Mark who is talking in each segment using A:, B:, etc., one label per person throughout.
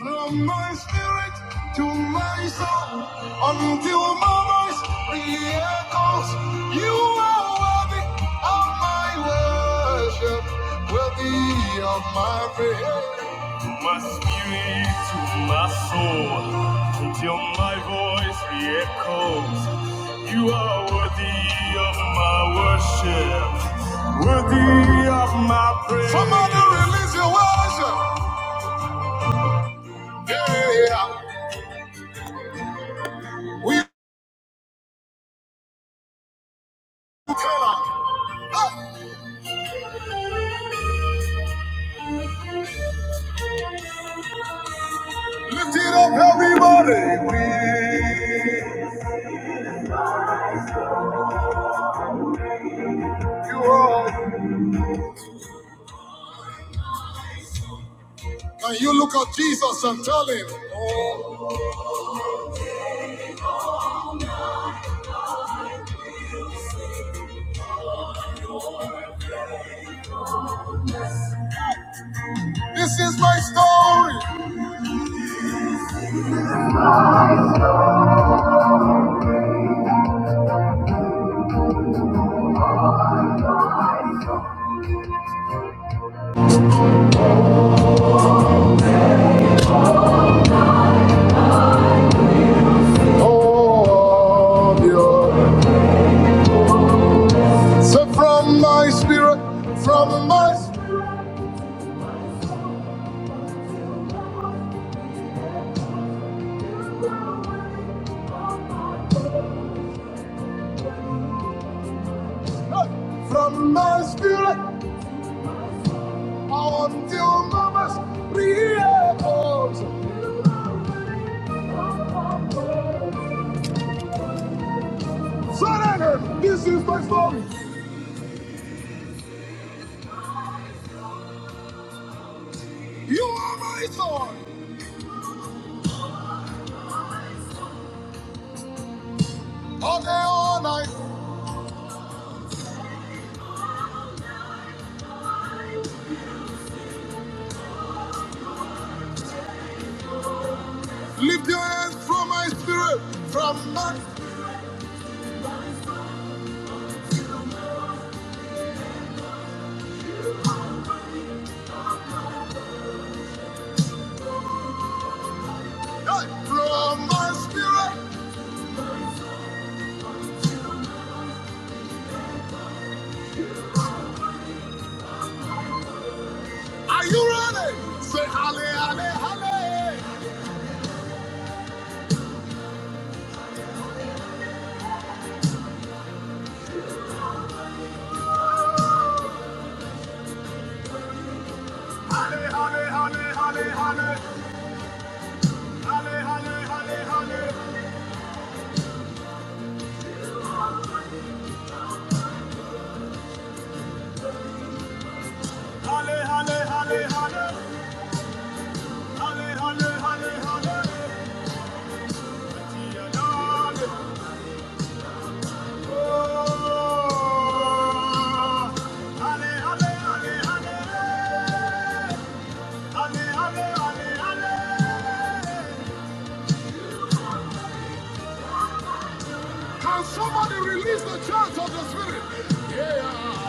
A: From my spirit to my soul, until my voice re-echoes, you are worthy of my worship, worthy of my praise. My spirit to my soul, until my voice re-echoes, you are worthy of my worship, worthy of my praise. Somebody release your worship. Yeah. yeah, yeah. We cannot lift it up, everybody. We, you are. Can you look at Jesus and tell him, oh, This is my story. Oh, dear. So from my spirit, from my spirit, hey, from my spirit, until mama's reactions. Surrender. This is my story. You are my story. All day, all night. Lift your hands from my spirit, from my, hey, from my spirit. Are you ready? Say halle, halle, halle. Halle, halle, halle, halle, halle. Halle, halle, halle, halle. Halle, halle, halle, halle. Halle, halle, halle, halle. To your God. Oh. Halle, halle, halle, halle. Halle, halle, halle, halle. Can somebody release the church of the spirit? Yeah.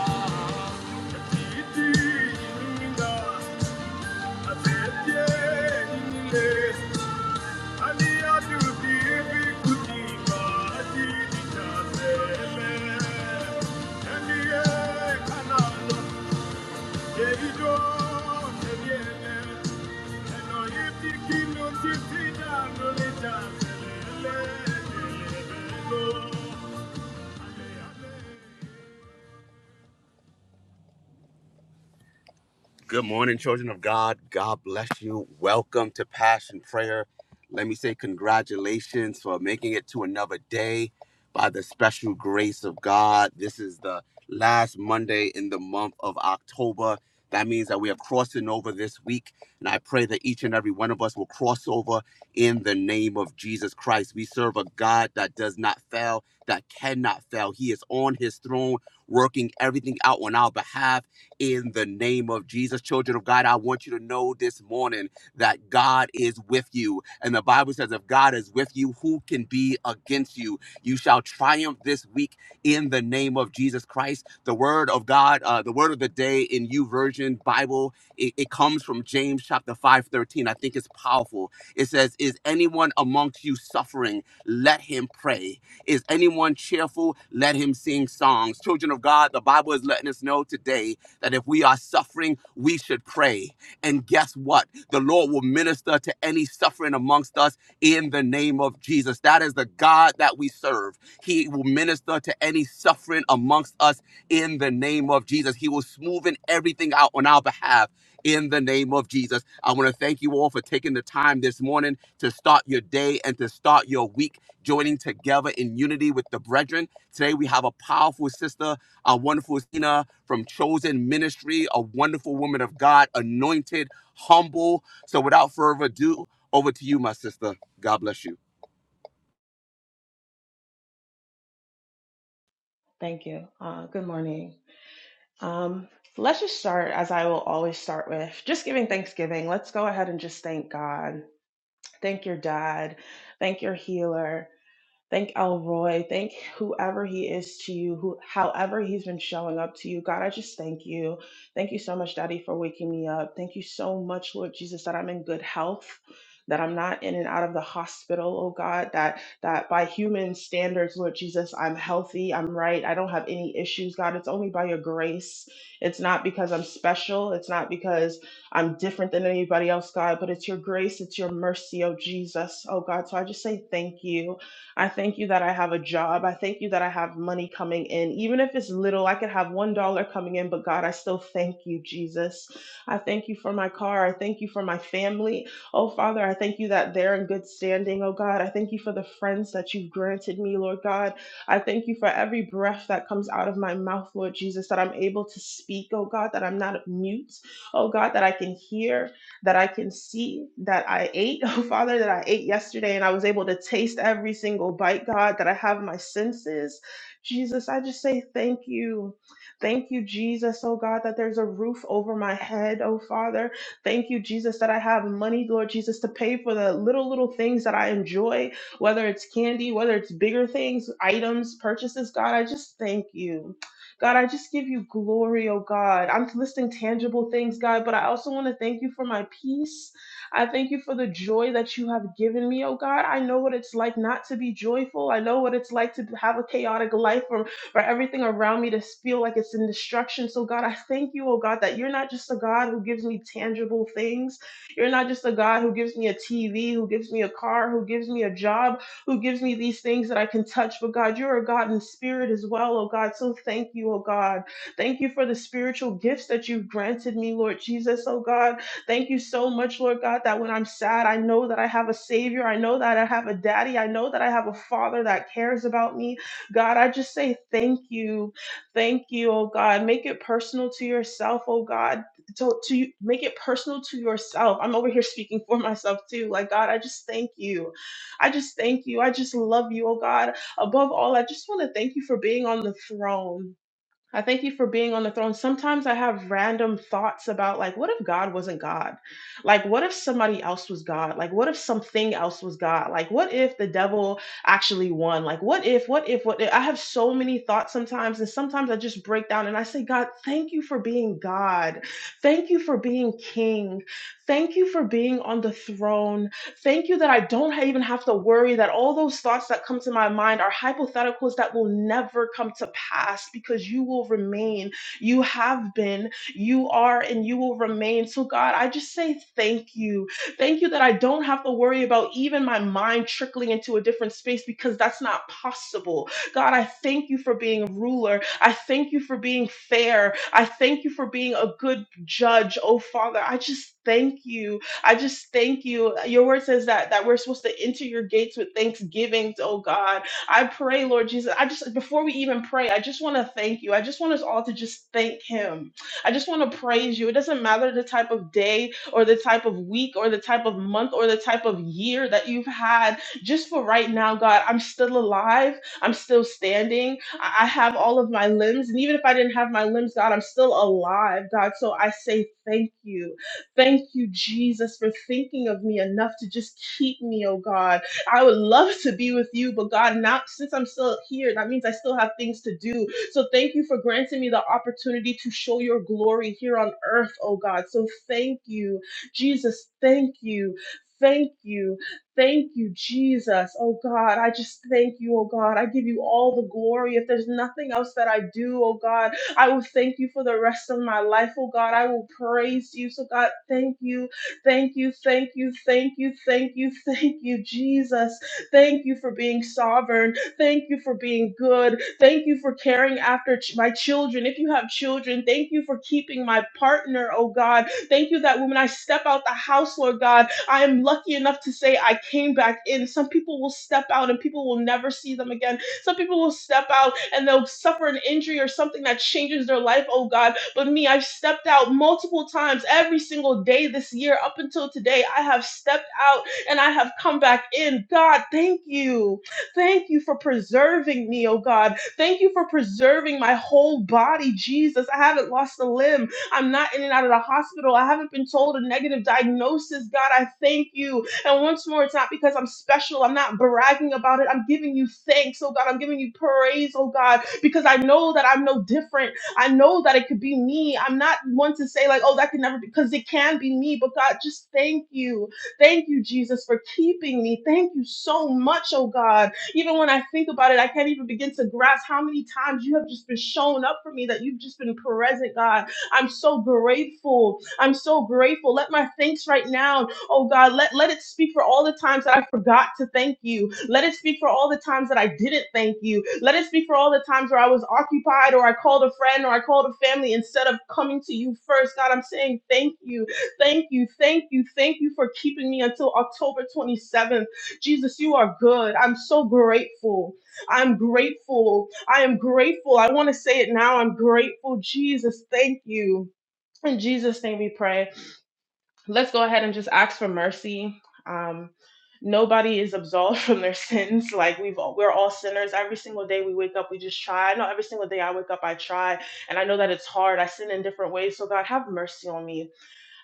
A: Good morning, children of God. God bless you. Welcome to Passion Prayer. Let me say congratulations for making it to another day by the special grace of God. This is the last Monday in the month of October. That means that we are crossing over this week. And I pray that each and every one of us will cross over in the name of Jesus Christ. We serve a God that does not fail, that cannot fail. He is on his throne, working everything out on our behalf in the name of Jesus. Children of God, I want you to know this morning that God is with you. And the Bible says, if God is with you, who can be against you? You shall triumph this week in the name of Jesus Christ. The word of God, uh, the word of the day in you version Bible, it, it comes from James chapter 5:13. I think it's powerful. It says, Is anyone amongst you suffering? Let him pray. Is anyone cheerful? Let him sing songs. Children of God, the Bible is letting us know today that if we are suffering, we should pray. And guess what? The Lord will minister to any suffering amongst us in the name of Jesus. That is the God that we serve. He will minister to any suffering amongst us in the name of Jesus. He will smoothen everything out on our behalf in the name of Jesus. I want to thank you all for taking the time this morning to start your day and to start your week joining together in unity with the brethren. Today we have a powerful sister our wonderful Zena from Chosen Ministry, a wonderful woman of God, anointed, humble. So without further ado, over to you, my sister. God bless you.
B: Thank you. Uh, good morning. Um, let's just start, as I will always start with, just giving Thanksgiving. Let's go ahead and just thank God. Thank your dad. Thank your healer. Thank Elroy. Thank whoever he is to you, who however he's been showing up to you. God, I just thank you. Thank you so much, Daddy, for waking me up. Thank you so much, Lord Jesus, that I'm in good health, that I'm not in and out of the hospital, oh God, that that by human standards, Lord Jesus, I'm healthy, I'm right, I don't have any issues, God. It's only by your grace. It's not because I'm special, it's not because I'm different than anybody else, God, but it's your grace, it's your mercy, oh Jesus, oh God. So I just say thank you. I thank you that I have a job. I thank you that I have money coming in. Even if it's little, I could have $1 coming in, but God, I still thank you, Jesus. I thank you for my car. I thank you for my family. Oh, Father, I thank you that they're in good standing. Oh, God, I thank you for the friends that you've granted me, Lord God. I thank you for every breath that comes out of my mouth, Lord Jesus, that I'm able to speak, oh, God, that I'm not mute, oh, God, that I can hear, that I can see that I ate, oh Father, that I ate yesterday and I was able to taste every single bite, God, that I have my senses. Jesus, I just say thank you. Thank you, Jesus, oh God, that there's a roof over my head, oh Father. Thank you, Jesus, that I have money, Lord Jesus, to pay for the little, little things that I enjoy, whether it's candy, whether it's bigger things, items, purchases, God, I just thank you. God, I just give you glory, oh God. I'm listing tangible things, God, but I also want to thank you for my peace. I thank you for the joy that you have given me, oh God. I know what it's like not to be joyful. I know what it's like to have a chaotic life or for everything around me to feel like it's in destruction. So, God, I thank you, oh God, that you're not just a God who gives me tangible things. You're not just a God who gives me a TV, who gives me a car, who gives me a job who gives me these things that I can touch. But God, you're a God in spirit as well, oh God. So thank you, oh God. Thank you for the spiritual gifts that you've granted me, Lord Jesus, oh God. Thank you so much, Lord God, that when I'm sad, I know that I have a Savior. I know that I have a daddy. I know that I have a Father that cares about me. God, I just say thank you. Thank you, oh God. Make it personal to yourself, oh God. To, to you- make it personal to yourself. I'm over here speaking for myself too. Like, God, I just thank you. I just thank you. I just love you, oh God. Above all, I just want to thank you for being on the throne. I thank you for being on the throne. Sometimes I have random thoughts about, like, what if God wasn't God? Like, what if somebody else was God? Like, what if something else was God? Like, what if the devil actually won? Like, what if, what if, what if? I have so many thoughts sometimes, and sometimes I just break down and I say, God, thank you for being God. Thank you for being King. Thank you for being on the throne. Thank you that I don't even have to worry that all those thoughts that come to my mind are hypotheticals that will never come to pass because you will remain. You have been, you are, and you will remain. So, God, I just say thank you. Thank you that I don't have to worry about even my mind trickling into a different space because that's not possible. God, I thank you for being a ruler. I thank you for being fair. I thank you for being a good judge. Oh, Father, I just thank you I just thank you. Your word says that that we're supposed to enter your gates with thanksgiving, oh God. I pray, Lord Jesus. I just before we even pray, I just want to thank you. I just want us all to just thank him. I just want to praise you. It doesn't matter the type of day or the type of week or the type of month or the type of year that you've had. Just for right now, God, I'm still alive. I'm still standing. I I have all of my limbs. And even if I didn't have my limbs, God, I'm still alive, God. So I say thank you. Thank you, Jesus, for thinking of me enough to just keep me, oh God. I would love to be with you, but God, not since I'm still here, that means I still have things to do. So thank you for granting me the opportunity to show your glory here on earth, oh God. So thank you, Jesus. Thank you. Thank you. Thank you, Jesus. Oh God, I just thank you, oh God. I give you all the glory. If there's nothing else that I do, oh God, I will thank you for the rest of my life, oh God. I will praise you. So, God, thank you, thank you, thank you, thank you, thank you, thank you, Jesus. Thank you for being sovereign. Thank you for being good. Thank you for caring after ch- my children. If you have children, thank you for keeping my partner, oh God. Thank you that when I step out the house, Lord God, I am lucky enough to say I came back in. Some people will step out and people will never see them again some people will step out and they'll suffer an injury or something that changes their life, oh God. But me, I've stepped out multiple times every single day this year up until today. I have stepped out and I have come back in. God, thank you. Thank you for preserving me, oh God. Thank you for preserving my whole body, Jesus. I haven't lost a limb. I'm not in and out of the hospital. I haven't been told a negative diagnosis. God, I thank you and once more, it's not because I'm special. I'm not bragging about it. I'm giving you thanks, oh God. I'm giving you praise, oh God, because I know that I'm no different. I know that it could be me. I'm not one to say, like, oh, that could never be, because it can be me. But God, just thank you. Thank you, Jesus, for keeping me. Thank you so much, oh God. Even when I think about it, I can't even begin to grasp how many times you have just been showing up for me, that you've just been present, God. I'm so grateful. I'm so grateful. Let my thanks right now Oh God, let, let it speak for all the times that I forgot to thank you. Let it speak for all the times that I didn't thank you. Let it speak for all the times where I was occupied or I called a friend or I called a family instead of coming to you first. God, I'm saying thank you, thank you, thank you, thank you for keeping me until October 27th. Jesus, you are good. I'm so grateful. I'm grateful. I am grateful. I want to say it now. I'm grateful. Jesus, thank you. In Jesus' name we pray let's go ahead and just ask for mercy. Um, nobody is absolved from their sins. Like we've all, we're all sinners. Every single day we wake up, we just try. I know every single day I wake up, I try, and I know that it's hard. I sin in different ways. So God, have mercy on me.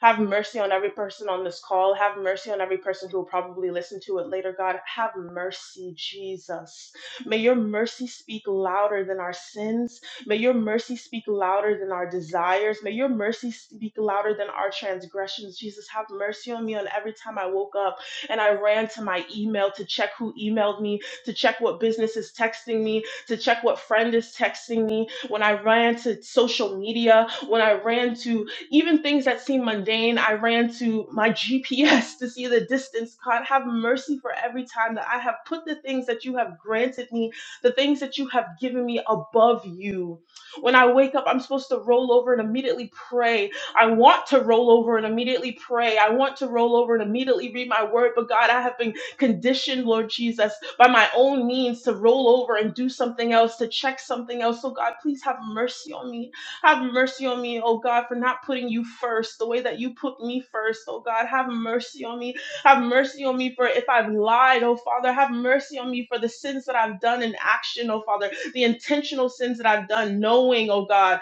B: Have mercy on every person on this call. Have mercy on every person who will probably listen to it later, God. Have mercy, Jesus. May your mercy speak louder than our sins. May your mercy speak louder than our desires. May your mercy speak louder than our transgressions. Jesus, have mercy on me on every time I woke up and I ran to my email to check who emailed me, to check what business is texting me, to check what friend is texting me, when I ran to social media, when I ran to even things that seem mundane, I ran to my GPS to see the distance. God, have mercy for every time that I have put the things that you have granted me, the things that you have given me above you. When I wake up, I'm supposed to roll over and immediately pray. I want to roll over and immediately pray. I want to roll over and immediately read my word, but God, I have been conditioned, Lord Jesus, by my own means to roll over and do something else, to check something else. So, God, please have mercy on me have mercy on me, oh God, for not putting you first the way that you put me first, oh God. Have mercy on me. Have mercy on me for if I've lied, oh Father. Have mercy on me for the sins that I've done in action, oh Father. The intentional sins that I've done, knowing, oh God.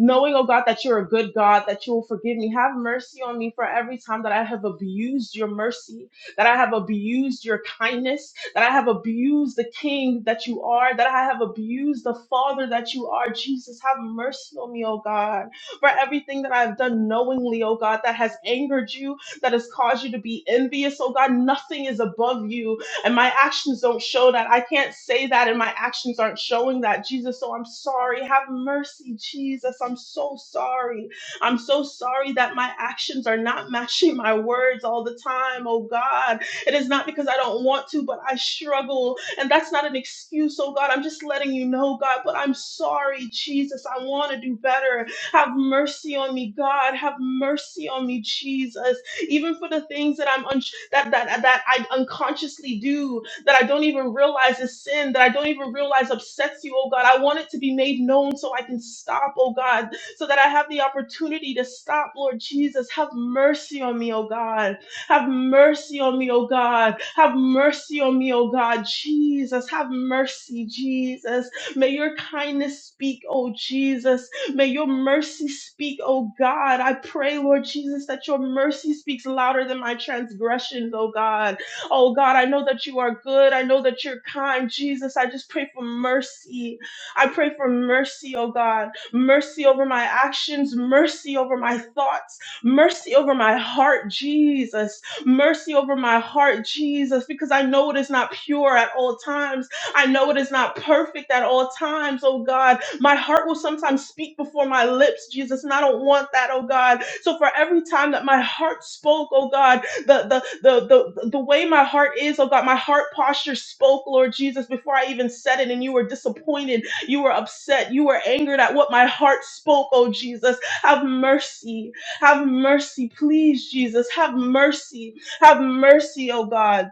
B: Knowing, oh God, that you're a good God, that you will forgive me. Have mercy on me for every time that I have abused your mercy that I have abused your kindness, that I have abused the king that you are, that I have abused the father that you are. Jesus, have mercy on me, oh God, for everything that I've done knowingly, oh God, that has angered you, that has caused you to be envious, oh God. Nothing is above you, and my actions don't show that. I can't say that, and my actions aren't showing that, Jesus. So I'm sorry. Have mercy, Jesus. I'm so sorry. I'm so sorry that my actions are not matching my words all the time, oh God. It is not because I don't want to, but I struggle. And that's not an excuse, oh God. I'm just letting you know, God, but I'm sorry, Jesus. I want to do better. Have mercy on me, God. Have mercy on me, Jesus. Even for the things that I'm un- that, that that I unconsciously do, that I don't even realize is sin, that I don't even realize upsets you, oh God. I want it to be made known so I can stop, oh God so that I have the opportunity to stop. Lord Jesus, have mercy on me, oh God. Have mercy on me, oh God. Have mercy on me, oh God. Jesus, have mercy, Jesus. May your kindness speak, oh Jesus. May your mercy speak, oh God. I pray, Lord Jesus, that your mercy speaks louder than my transgressions, oh God. Oh God, I know that you are good. I know that you're kind, Jesus. I just pray for mercy. I pray for mercy, oh God mercy over my actions, mercy over my thoughts, mercy over my heart, Jesus, mercy over my heart, Jesus, because I know it is not pure at all times. I know it is not perfect at all times, oh God. My heart will sometimes speak before my lips, Jesus, and I don't want that, oh God. So for every time that my heart spoke, oh God, the the the the, the way my heart is, oh God, my heart posture spoke, Lord Jesus, before I even said it, and you were disappointed you were upset. You were angered at what my heart spoke, oh Jesus. Have mercy. Have mercy. Please, Jesus. Have mercy. Have mercy, oh God.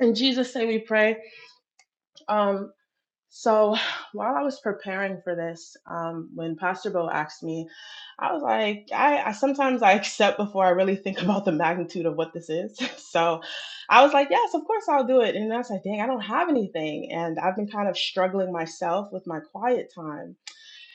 B: In Jesus' name we pray. Um, so while I was preparing for this, um, when Pastor Bo asked me, I was like, I, I sometimes I accept before I really think about the magnitude of what this is. So I was like, yes, of course I'll do it. And I was like, dang, I don't have anything. And I've been kind of struggling myself with my quiet time.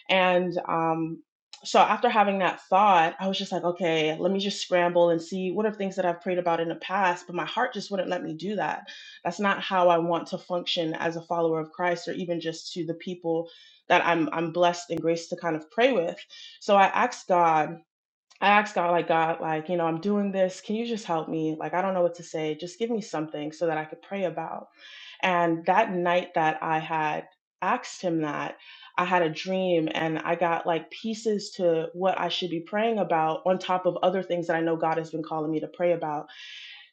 B: And um, so after having that thought, I was just like, okay, let me just scramble and see what are things that I've prayed about in the past, but my heart just wouldn't let me do that. That's not how I want to function as a follower of Christ or even just to the people that I'm I'm blessed and graced to kind of pray with. So I asked God I asked God, like, God, like, you know, I'm doing this. Can you just help me? Like, I don't know what to say. Just give me something so that I could pray about. And that night that I had asked him that, I had a dream and I got like pieces to what I should be praying about on top of other things that I know God has been calling me to pray about.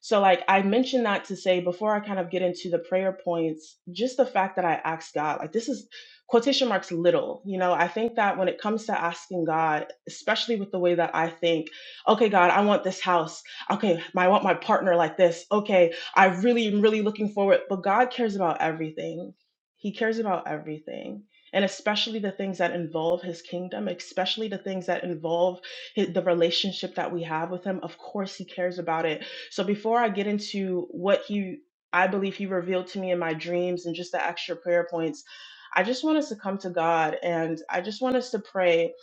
B: So, like, I mentioned that to say before I kind of get into the prayer points, just the fact that I asked God, like, this is quotation marks little. You know, I think that when it comes to asking God, especially with the way that I think, okay, God, I want this house. Okay, my- I want my partner like this. Okay, I really am really looking forward. But God cares about everything, He cares about everything. And especially the things that involve his kingdom, especially the things that involve hi- the relationship that we have with him. Of course, he cares about it so before I get into what he I believe he revealed to me in my dreams and just the extra prayer points, I just want us to come to God and I just want us to pray.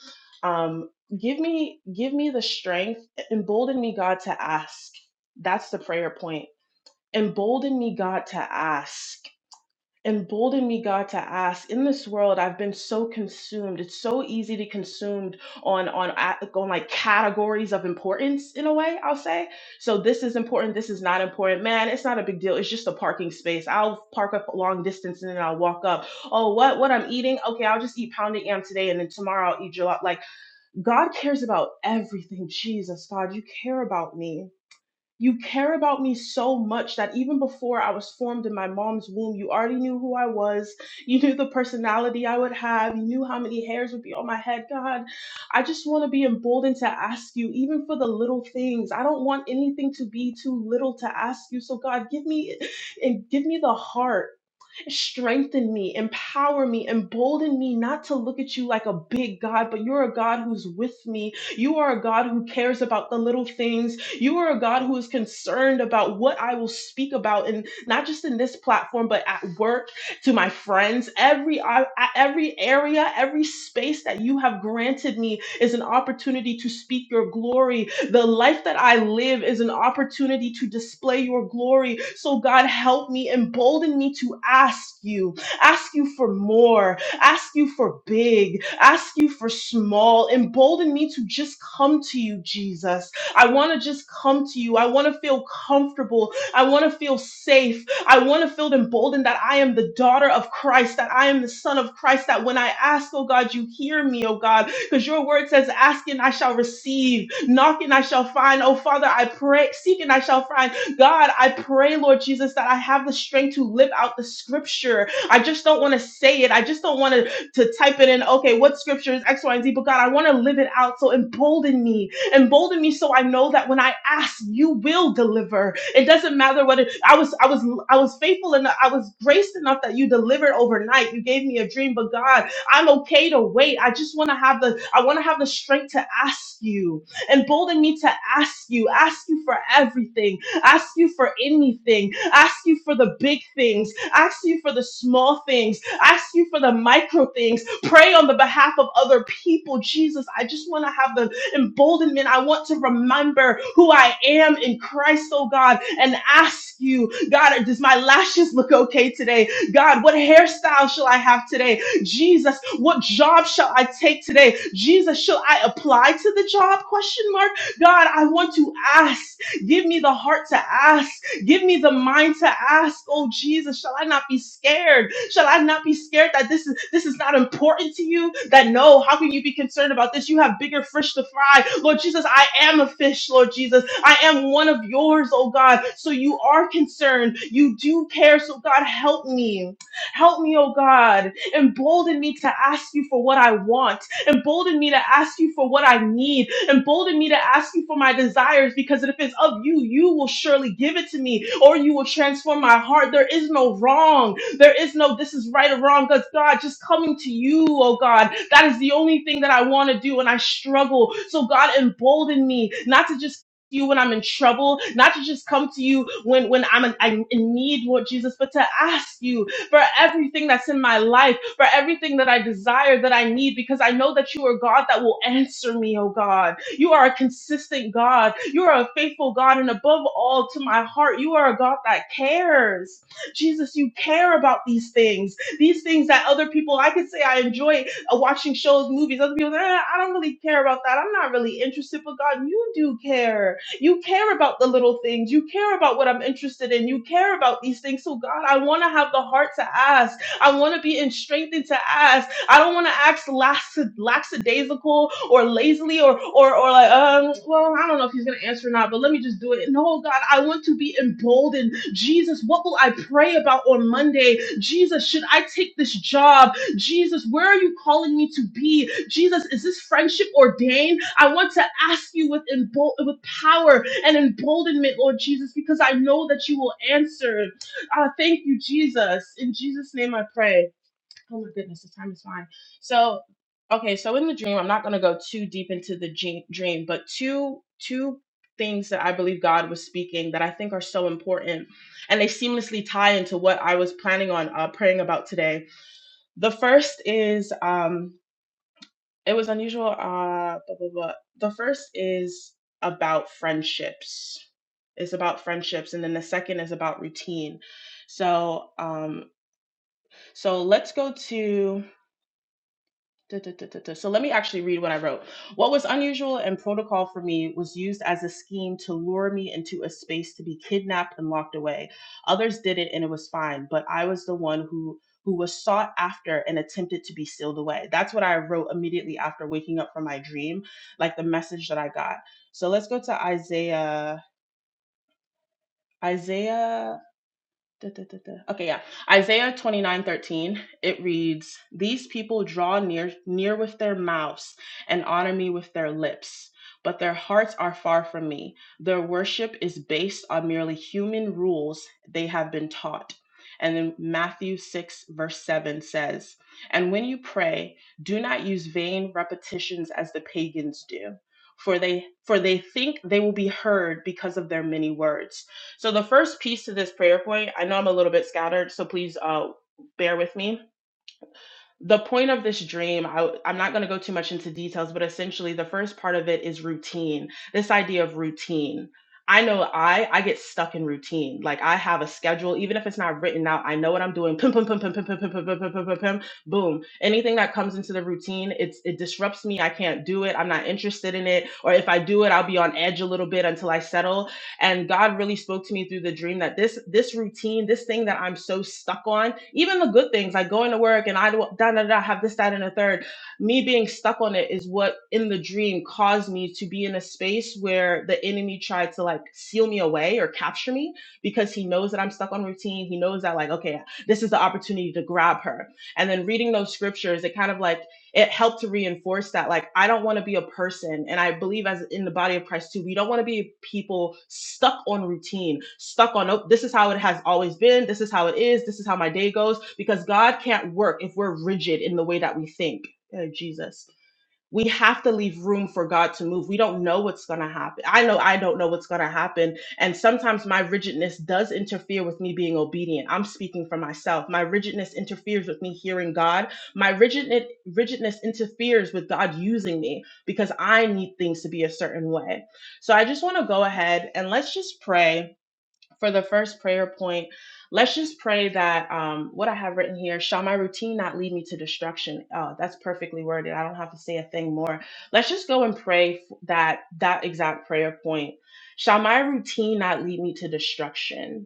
B: Um, give me give me the strength, embolden me, God, to ask. That's the prayer point. Embolden me, God, to ask embolden me god to ask in this world i've been so consumed it's so easy to consumed on on a- on like categories of importance in a way i'll say so this is important this is not important man it's not a big deal it's just a parking space i'll park up long distance and then i'll walk up oh what what i'm eating okay i'll just eat pounded yam today and then tomorrow i'll eat gelato like god cares about everything jesus god you care about me you care about me so much that even before I was formed in my mom's womb, you already knew who I was. You knew the personality I would have. You knew how many hairs would be on my head. God, I just want to be emboldened to ask you, even for the little things. I don't want anything to be too little to ask you. So, God, give me and give me the heart. Strengthen me, empower me, embolden me not to look at you like a big God, but you're a God who's with me. You are a God who cares about the little things. You are a God who is concerned about what I will speak about, and not just in this platform, but at work, to my friends. Every uh, every area, every space that you have granted me is an opportunity to speak your glory the life that I live is an opportunity to display your glory. So, God, help me, embolden me to ask you, ask you for more, ask you for big, ask you for small. Embolden me to just come to you, Jesus. I want to just come to you. I want to feel comfortable. I want to feel safe. I want to feel emboldened that I am the daughter of Christ, that I am the son of Christ, that when I ask, oh God, you hear me, oh God, because your word says, ask and I shall receive. Knock and I shall find. Oh, Father, I pray. Seek and I shall find. God, I pray, Lord Jesus, that I have the strength to live out the scripture. I just don't want to say it. I just don't want to to type it in. Okay, what scripture is X, Y, and Z? But God, I want to live it out. So embolden me, embolden me, so I know that when I ask, you will deliver. It doesn't matter what it, I was. I was. I was faithful enough. I was graced enough that you delivered overnight. You gave me a dream, but God, I'm okay to wait. I just want to have the. I want to have the strength to ask you embolden me to ask you, ask you for everything, ask you for anything, ask you for the big things, ask you for the small things, ask you for the micro things, pray on the behalf of other people. Jesus, I just want to have the emboldenment. I want to remember who I am in Christ, oh God, and ask you, God, does my lashes look okay today? God, what hairstyle shall I have today? Jesus, what job shall I take today? Jesus, shall I apply to the job? Question mark. God, I want to ask. Give me the heart to ask. Give me the mind to ask. Oh Jesus, shall I not be scared? Shall I not be scared that this is this is not important to you? That no, how can you be concerned about this? You have bigger fish to fry. Lord Jesus, I am a fish, Lord Jesus. I am one of yours, oh God. So you are concerned. You do care. So God, help me. Help me, oh God embolden me to ask you for what I want, embolden me to ask you for what I need, embolden me to ask you for my desires because if it's of you, you will surely give it to me or you will transform my heart. There is no wrong. There is no this is right or wrong because God, just coming to you, oh God, that is the only thing that I want to do and I struggle. So God, embolden me not to just you when I'm in trouble, not to just come to you when when I'm, in, I'm in need, Lord Jesus, but to ask you for everything that's in my life, for everything that I desire, that I need, because I know that you are God that will answer me, oh God. You are a consistent God. You are a faithful God. And above all, to my heart, you are a God that cares. Jesus, you care about these things. These things that other people, I could say I enjoy uh, watching shows, movies. Other people, eh, I don't really care about that. I'm not really interested, but God, you do care you care about the little things. You care about what I'm interested in. You care about these things. So, God, I want to have the heart to ask. I want to be in strengthened to ask. I don't want to ask lax, lackadaisical or lazily or, or, or like, um, well, I don't know if he's going to answer or not, but let me just do it. No, God, I want to be emboldened. Jesus, what will I pray about on Monday? Jesus, should I take this job? Jesus, where are you calling me to be? Jesus, is this friendship ordained? I want to ask you with, embo- with power and emboldenment, Lord Jesus, because I know that you will answer. Uh, thank you, Jesus. In Jesus' name I pray. Oh my goodness, the time is fine. So, okay, so in the dream, I'm not going to go too deep into the ge- dream, but two, two things that I believe God was speaking that I think are so important and they seamlessly tie into what I was planning on uh, praying about today the first is um, it was unusual. Uh, blah, blah, blah. The first is about friendships. It's about friendships, and then the second is about routine. So, um, so let's go to Duh, duh, duh, duh, duh. So let me actually read what I wrote. What was unusual and protocol for me was used as a scheme to lure me into a space to be kidnapped and locked away. Others did it and it was fine, but I was the one who who was sought after and attempted to be sealed away. That's what I wrote immediately after waking up from my dream, like the message that I got. So let's go to Isaiah. Isaiah. Da, da, da, da. Okay, yeah. Isaiah twenty nine thirteen. it reads, These people draw near, near with their mouths and honor me with their lips, but their hearts are far from me. Their worship is based on merely human rules they have been taught. And then Matthew 6, verse 7 says, And when you pray, do not use vain repetitions as the pagans do. For they for they think they will be heard because of their many words. So the first piece to this prayer point, I know I'm a little bit scattered, so please uh, bear with me. The point of this dream, I, I'm not going to go too much into details, but essentially the first part of it is routine. This idea of routine. I know I I get stuck in routine. Like I have a schedule, even if it's not written out. I know what I'm doing. Pim pim pim pim pim pim pim pim pim pim pim. pim, pim, Boom. Anything that comes into the routine, it's it disrupts me. I can't do it. I'm not interested in it. Or if I do it, I'll be on edge a little bit until I settle and god really spoke to me through the dream that this this routine this thing that i'm so stuck on even the good things like going to work and i do da, da, da, have this that and a third me being stuck on it is what in the dream caused me to be in a space where the enemy tried to like seal me away or capture me because he knows that i'm stuck on routine he knows that like okay this is the opportunity to grab her and then reading those scriptures it kind of like it helped to reinforce that like i don't want to be a person and i believe as in the body of christ too we don't want to be people stuck on routine stuck on oh this is how it has always been this is how it is this is how my day goes because god can't work if we're rigid in the way that we think Oh, jesus we have to leave room for God to move. We don't know what's going to happen. I know I don't know what's going to happen. And sometimes my rigidness does interfere with me being obedient. I'm speaking for myself. My rigidness interferes with me hearing God. My rigidness, rigidness interferes with God using me because I need things to be a certain way. So I just want to go ahead and let's just pray for the first prayer point, let's just pray that um, what I have written here shall my routine not lead me to destruction. Oh, that's perfectly worded. I don't have to say a thing more. Let's just go and pray f- that that exact prayer point. Shall my routine not lead me to destruction?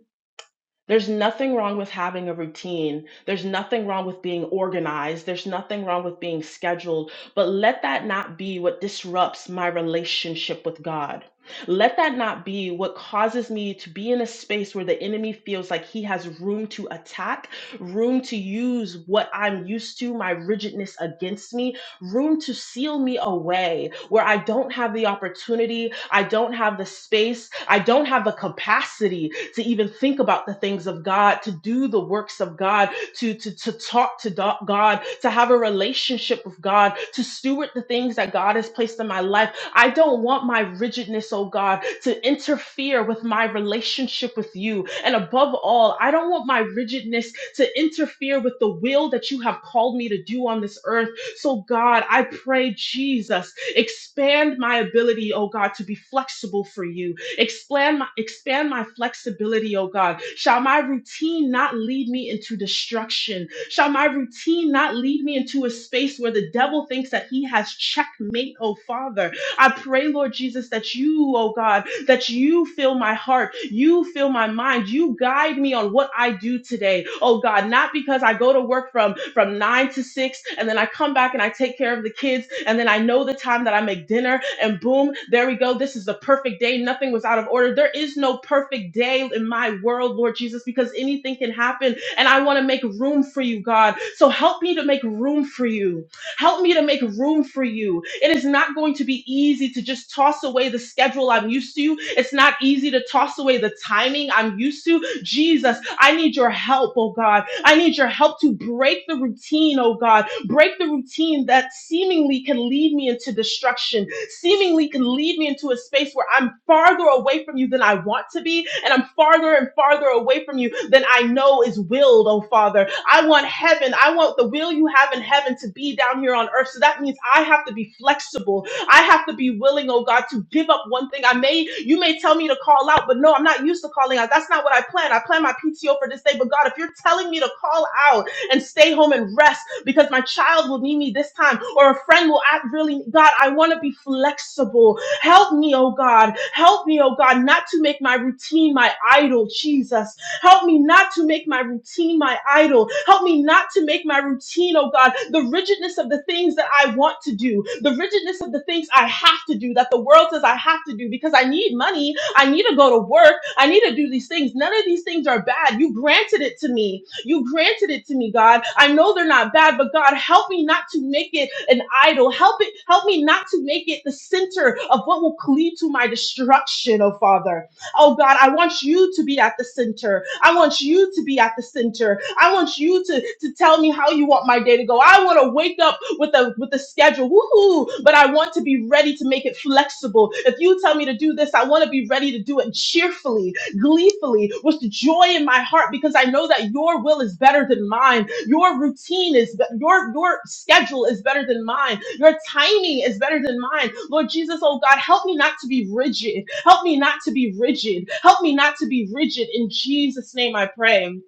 B: There's nothing wrong with having a routine. There's nothing wrong with being organized. There's nothing wrong with being scheduled. But let that not be what disrupts my relationship with God. Let that not be what causes me to be in a space where the enemy feels like he has room to attack, room to use what I'm used to, my rigidness against me, room to seal me away where I don't have the opportunity, I don't have the space, I don't have the capacity to even think about the things of God, to do the works of God, to, to, to talk to do- God, to have a relationship with God, to steward the things that God has placed in my life. I don't want my rigidness, oh God, to interfere with my relationship with you. And above all, I don't want my rigidness to interfere with the will that you have called me to do on this earth so, God, I pray, Jesus, expand my ability, oh God, to be flexible for you. Expand my, expand my flexibility, oh God. Shall my routine not lead me into destruction? Shall my routine not lead me into a space where the devil thinks that he has checkmate, oh Father? I pray, Lord Jesus, that you, oh God, that you fill my heart, you fill my mind, you guide me on what I do today. Oh God, not because I go to work from from 9 to 6 and then I come back and I take care of the kids and then I know the time that I make dinner and boom, there we go. This is the perfect day. Nothing was out of order. There is no perfect day in my world, Lord Jesus, because anything can happen and I want to make room for you, God. So help me to make room for you. Help me to make room for you. It is not going to be easy to just toss away the schedule I'm used to. It's not easy to toss away the timing I'm used to. Jesus, I need your help, oh God. I need your help to break the routine, oh God. Break the routine that seemingly can lead me into destruction, seemingly can lead me into a space where I'm farther away from you than I want to be, and I'm farther and farther away from you than I know is willed, oh Father. I want heaven. I want the will you have in heaven to be down here on earth. So that means I have to be flexible. I have to be willing, oh God, to give up one thing. I may, you may tell me to call out, but no, I'm not used to calling out. That's not what I plan. I plan my PTO for this day. But God, if you're telling me to call out, and stay home and rest because my child will need me this time or a friend will act really God, I want to be flexible. Help me, oh God. Help me, oh God, not to make my routine my idol, Jesus. Help me not to make my routine my idol. Help me not to make my routine, oh God, the rigidness of the things that I want to do, the rigidness of the things I have to do that the world says I have to do because I need money. I need to go to work. I need to do these things. None of these things are bad. You granted it to me. You granted it to me, God. I know they're not bad, but God, help me not to make it an idol. Help it, help me not to make it the center of what will lead to my destruction, oh Father. Oh God, I want you to be at the center. I want you to be at the center. I want you to, to tell me how you want my day to go. I want to wake up with a with a schedule. Woohoo! But I want to be ready to make it flexible. If you tell me to do this, I want to be ready to do it cheerfully gleefully with the joy in my heart because I know that your will is better than mine. Your routine is your your schedule is better than mine. Your timing is better than mine. Lord Jesus, oh God, help me not to be rigid. Help me not to be rigid. Help me not to be rigid in Jesus name I pray.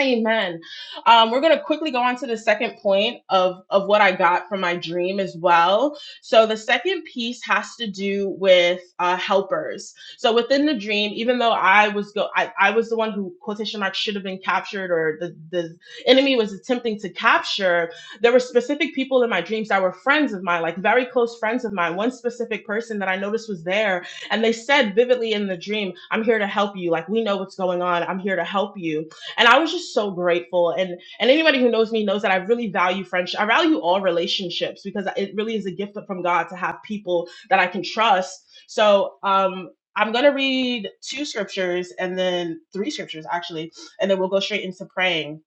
B: Amen. Um, we're going to quickly go on to the second point of, of what I got from my dream as well. So, the second piece has to do with uh, helpers. So, within the dream, even though I was go, I, I was the one who quotation mark should have been captured, or the, the enemy was attempting to capture. There were specific people in my dreams that were friends of mine, like very close friends of mine. One specific person that I noticed was there, and they said vividly in the dream, "I'm here to help you. Like we know what's going on. I'm here to help you." and i was just so grateful and and anybody who knows me knows that i really value friendship i value all relationships because it really is a gift from god to have people that i can trust so um i'm going to read two scriptures and then three scriptures actually and then we'll go straight into praying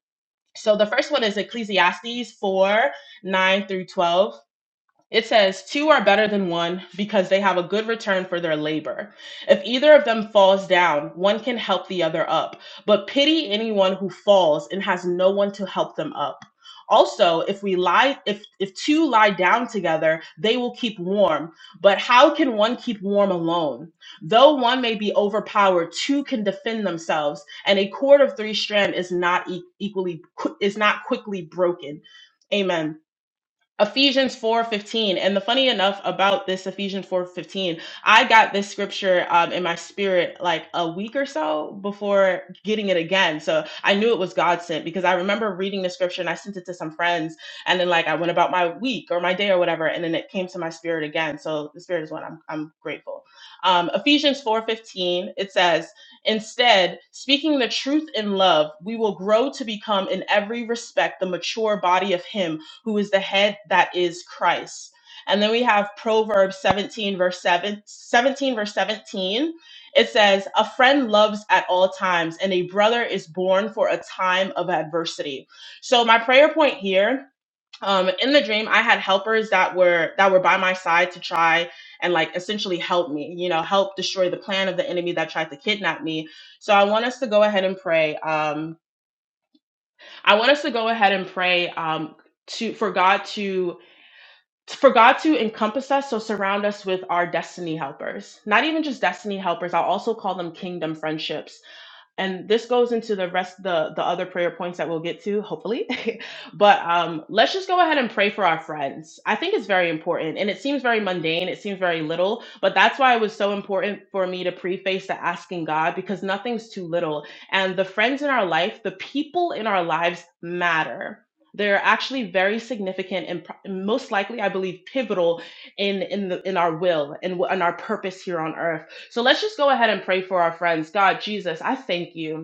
B: so the first one is ecclesiastes 4 9 through 12 it says, Two are better than one because they have a good return for their labor. If either of them falls down, one can help the other up. But pity anyone who falls and has no one to help them up. Also, if we lie if if two lie down together, they will keep warm. But how can one keep warm alone? Though one may be overpowered, two can defend themselves, and a cord of three strand is not e- equally is not quickly broken. Amen. Ephesians 4:15 and the funny enough about this Ephesians 4:15 I got this scripture um, in my spirit like a week or so before getting it again so I knew it was God sent because I remember reading the scripture and I sent it to some friends and then like I went about my week or my day or whatever and then it came to my spirit again so the spirit is one I'm I'm grateful um, Ephesians 4:15 it says Instead, speaking the truth in love, we will grow to become in every respect the mature body of Him who is the head that is Christ. And then we have Proverbs 17, verse 7 17 verse 17. It says, A friend loves at all times, and a brother is born for a time of adversity. So my prayer point here. Um, in the dream, I had helpers that were that were by my side to try and like essentially help me, you know, help destroy the plan of the enemy that tried to kidnap me. So I want us to go ahead and pray. Um, I want us to go ahead and pray um, to for God to for God to encompass us, so surround us with our destiny helpers. Not even just destiny helpers, I'll also call them kingdom friendships and this goes into the rest the the other prayer points that we'll get to hopefully but um let's just go ahead and pray for our friends i think it's very important and it seems very mundane it seems very little but that's why it was so important for me to preface the asking god because nothing's too little and the friends in our life the people in our lives matter they're actually very significant and pro- most likely i believe pivotal in in the in our will and in, in our purpose here on earth so let's just go ahead and pray for our friends. God, Jesus, I thank you.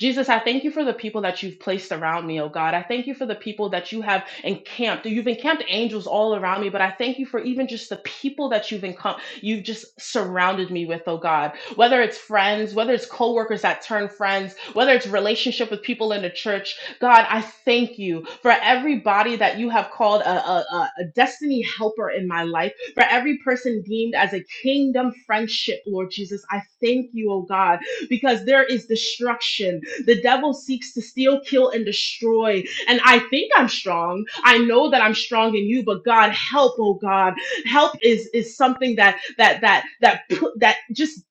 B: Jesus, I thank you for the people that you've placed around me, oh God. I thank you for the people that you have encamped. You've encamped angels all around me, but I thank you for even just the people that you've encom- you've just surrounded me with, oh God. Whether it's friends, whether it's coworkers that turn friends, whether it's relationship with people in the church, God, I thank you for everybody that you have called a, a, a a destiny helper in my life, for every person deemed as a kingdom friendship, Lord Jesus. I thank you, oh God, because there is destruction the devil seeks to steal, kill, and destroy. And I think I'm strong. I know that I'm strong in you, but God, help, oh God. Help is is something that that that that put that just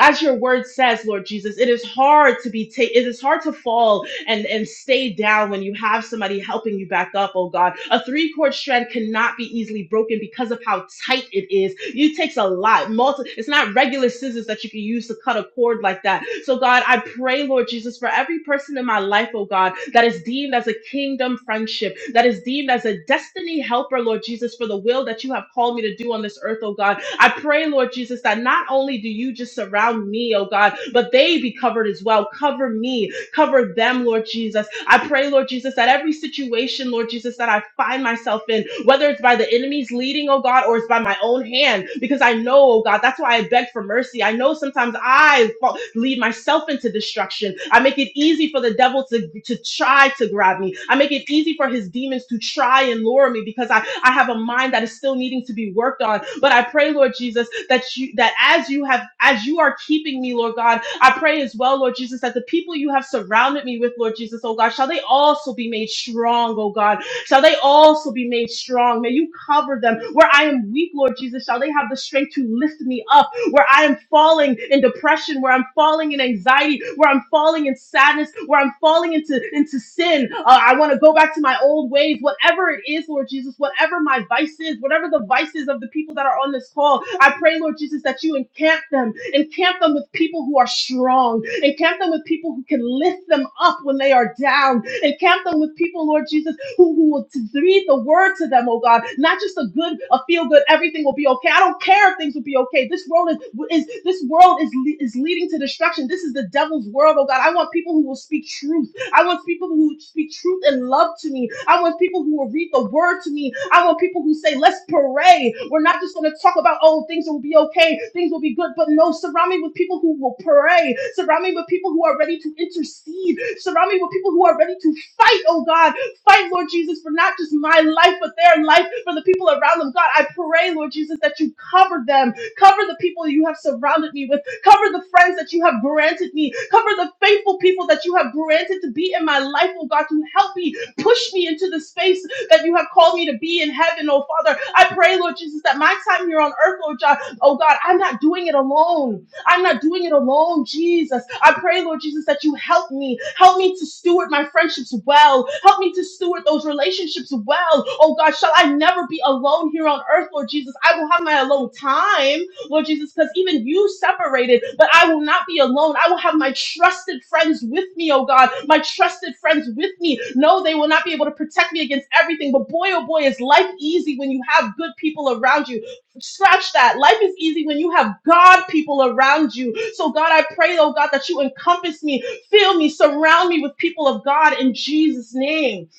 B: as your word says, Lord Jesus, it is hard to be taken. It is hard to fall and and stay down when you have somebody helping you back up oh god a three chord strand cannot be easily broken because of how tight it is it takes a lot multi it's not regular scissors that you can use to cut a cord like that so god i pray lord jesus for every person in my life oh god that is deemed as a kingdom friendship that is deemed as a destiny helper lord jesus for the will that you have called me to do on this earth oh god i pray lord jesus that not only do you just surround me oh god but they be covered as well cover me Cover them, Lord Jesus. I pray, Lord Jesus, that every situation, Lord Jesus, that I find myself in, whether it's by the enemy's leading, oh God, or it's by my own hand, because I know, oh God, that's why I beg for mercy. I know sometimes I fall, lead myself into destruction. I make it easy for the devil to, to try to grab me. I make it easy for his demons to try and lure me because I, I have a mind that is still needing to be worked on. But I pray, Lord Jesus, that you that as you have as you are keeping me, Lord God, I pray as well, Lord Jesus, that the people you have surrounded me with, Lord Jesus, oh God, shall they also be made strong, oh God, shall they also be made strong. May you cover them where I am weak, Lord Jesus. Shall they have the strength to lift me up? where I am falling in depression, where I'm falling in anxiety, where I'm falling in sadness, where I'm falling into, into sin. Uh, I want to go back to my old ways, whatever it is, Lord Jesus, whatever my vice is, whatever the vices of the people that are on this call. I pray, Lord Jesus, that you encamp them, encamp them with people who are strong, encamp them with people who can lift them up when they are down, encamp them with people, Lord Jesus who, who will t- read the word to them, oh God. Not just a good, a feel good, everything will be okay. I don't care if things will be okay. This world is, is this world is, le- is leading to destruction. This is the devil's world, oh God. I want people who will speak truth. I want people who speak truth and love to me. I want people who will read the word to me. I want people who say, let's pray. We're not just going to talk about, oh, things will be okay, things will be good. But no, surround me with people who will pray. Surround me with people who are ready to intercede. Surround me with people who are ready to fight, oh God fight, Lord Jesus, for not just my life, but their life, for the people around them. God, I pray, Lord Jesus, that you cover them. Cover the people you have surrounded me with. Cover the friends that you have granted me. Cover the faithful people that you have granted to be in my life, oh God, to help me, push me into the space that you have called me to be in heaven, oh Father. I pray, Lord Jesus, that my time here on earth, Lord God, oh God, I'm not doing it alone. I'm not doing it alone, Jesus. I pray, Lord Jesus, that you help me. Help me to steward my friendships well. Help me to steward those relationships well. Oh God, shall I never be alone here on earth, Lord Jesus? I will have my alone time, Lord Jesus, because even you separated, but I will not be alone. I will have my trusted friends with me, oh God. My trusted friends with me. No, they will not be able to protect me against everything, but boy, oh boy, is life easy when you have good people around you Scratch that. Life is easy when you have God people around you. So, God, I pray, oh God, that you encompass me, fill me, surround me with people of God in Jesus' name.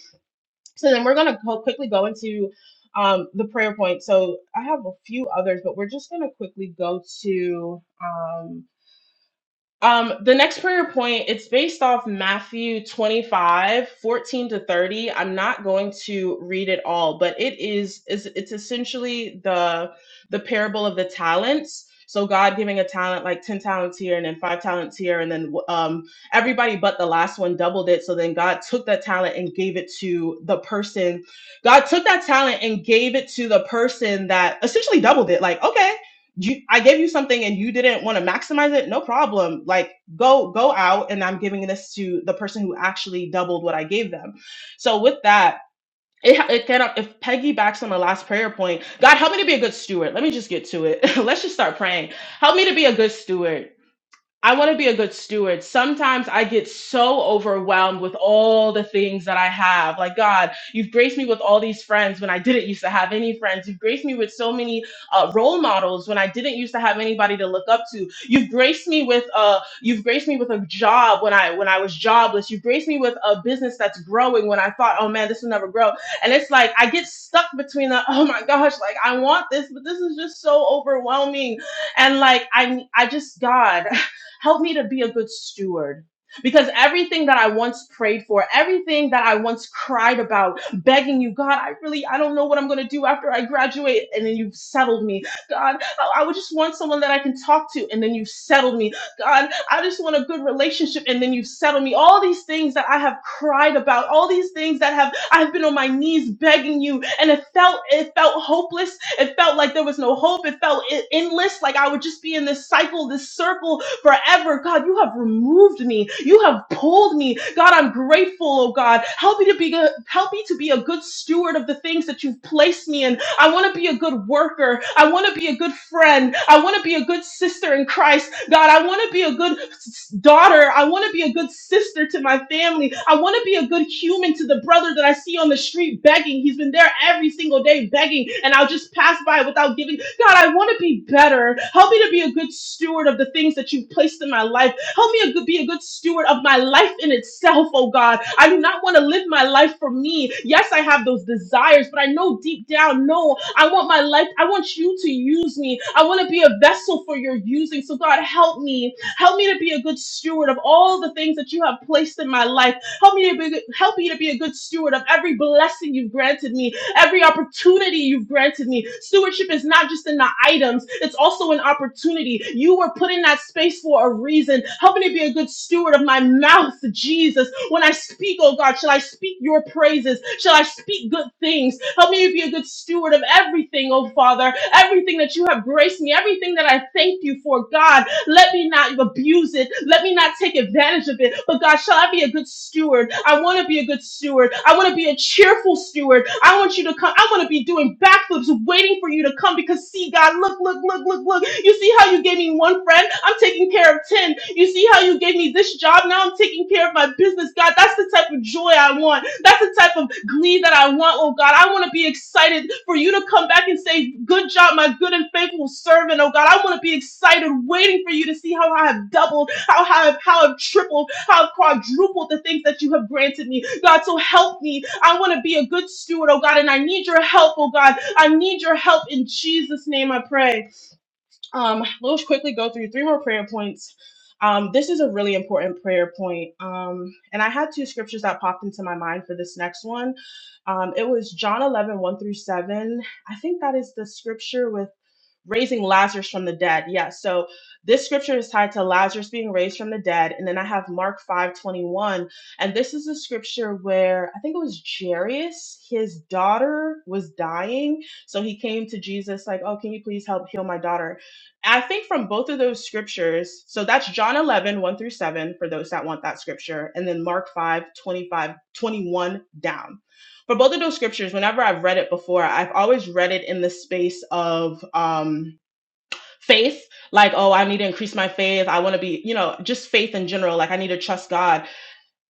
B: So, then we're going to go, quickly go into um, the prayer point. So, I have a few others, but we're just going to quickly go to. um, um, the next prayer point, it's based off Matthew 25 14 to 30. I'm not going to read it all, but it is is it's essentially the the parable of the talents. So God giving a talent like 10 talents here and then five talents here, and then um everybody but the last one doubled it. So then God took that talent and gave it to the person. God took that talent and gave it to the person that essentially doubled it. Like, okay, you I gave you something and you didn't want to maximize it, no problem. Like go go out and I'm giving this to the person who actually doubled what I gave them. So with that, it it cannot if Peggy backs on the last prayer point, God help me to be a good steward. Let me just get to it. Let's just start praying. Help me to be a good steward. I want to be a good steward. Sometimes I get so overwhelmed with all the things that I have. Like, God, you've graced me with all these friends when I didn't used to have any friends. You've graced me with so many uh, role models when I didn't used to have anybody to look up to. You've graced me with a you've graced me with a job when I when I was jobless. You've graced me with a business that's growing when I thought, oh man, this will never grow. And it's like I get stuck between the oh my gosh, like I want this, but this is just so overwhelming. And like I I just God. Help me to be a good steward. Because everything that I once prayed for, everything that I once cried about, begging you, God, I really, I don't know what I'm going to do after I graduate. And then you've settled me. God, I I would just want someone that I can talk to. And then you've settled me. God, I just want a good relationship. And then you've settled me. All these things that I have cried about, all these things that have, I've been on my knees begging you. And it felt, it felt hopeless. It felt like there was no hope. It felt e- endless. Like I would just be in this cycle, this circle forever. God, you have removed me. You have pulled me. God, I'm grateful, oh God. Help me to be good, help me to be a good steward of the things that you've placed me in I want to be a good worker. I want to be a good friend. I want to be a good sister in Christ. God, I want to be a good s- daughter. I want to be a good sister to my family. I want to be a good human to the brother that I see on the street begging. He's been there every single day begging, and I'll just pass by without giving. God, I want to be better. Help me to be a good steward of the things that you've placed in my life. Help me a be a good steward of my life in itself, oh God. I do not want to live my life for me. Yes, I have those desires, but I know deep down, no, I want my life. I want you to use me. I want to be a vessel for your using. So, God, help me. Help me to be a good steward of all the things that you have placed in my life. Help me to be, help me to be a good steward of every blessing you've granted me every opportunity you've granted me. Stewardship is not just in the items, it's also an opportunity. You were put in that space for a reason. Help me to be a good steward of my mouth, Jesus. When I speak, oh God, shall I speak your praises? Shall I speak good things? Help me to be a good steward of everything, oh Father, everything that you have graced me, everything that I thank you for, God. Let me not abuse it. Let me not take advantage of it. But God, shall I be a good steward? I want to be a good steward. I want to be a cheerful steward. I want you to come. I want to be doing backflips, waiting for you to come because see, God, look, look, look, look, look. You see how you gave me one friend? I'm taking care care of 10. You see how you gave me this job? Now I'm taking care of my business. God, that's the type of joy I want. That's the type of glee that I want, oh God. I want to be excited for you to come back and say, Good job, my good and faithful servant, oh God. I want to be excited, waiting for you to see how I have doubled, how I have how I've tripled, how I've quadrupled the things that you have granted me. God, so help me. I want to be a good steward, oh God, and I need your help, oh God. I need your help in Jesus' name, I pray. Um, we'll quickly go through three more prayer points. Um, this is a really important prayer point. Um, and I had two scriptures that popped into my mind for this next one. Um, it was John eleven one through 7. I think that is the scripture with raising Lazarus from the dead. Yes. Yeah, So this scripture is tied to Lazarus being raised from the dead. And then I have Mark 5 21, And this is a scripture where I think it was Jairus, his daughter was dying. So he came to Jesus, like, Oh, can you please help heal my daughter? I think from both of those scriptures, so that's John eleven one through 7, for those that want that scripture, and then Mark 5 25 21 down for both of those scriptures, whenever I've read it before, I've always read it in the space of um faith like oh i need to increase my faith i want to be you know just faith in general like i need to trust god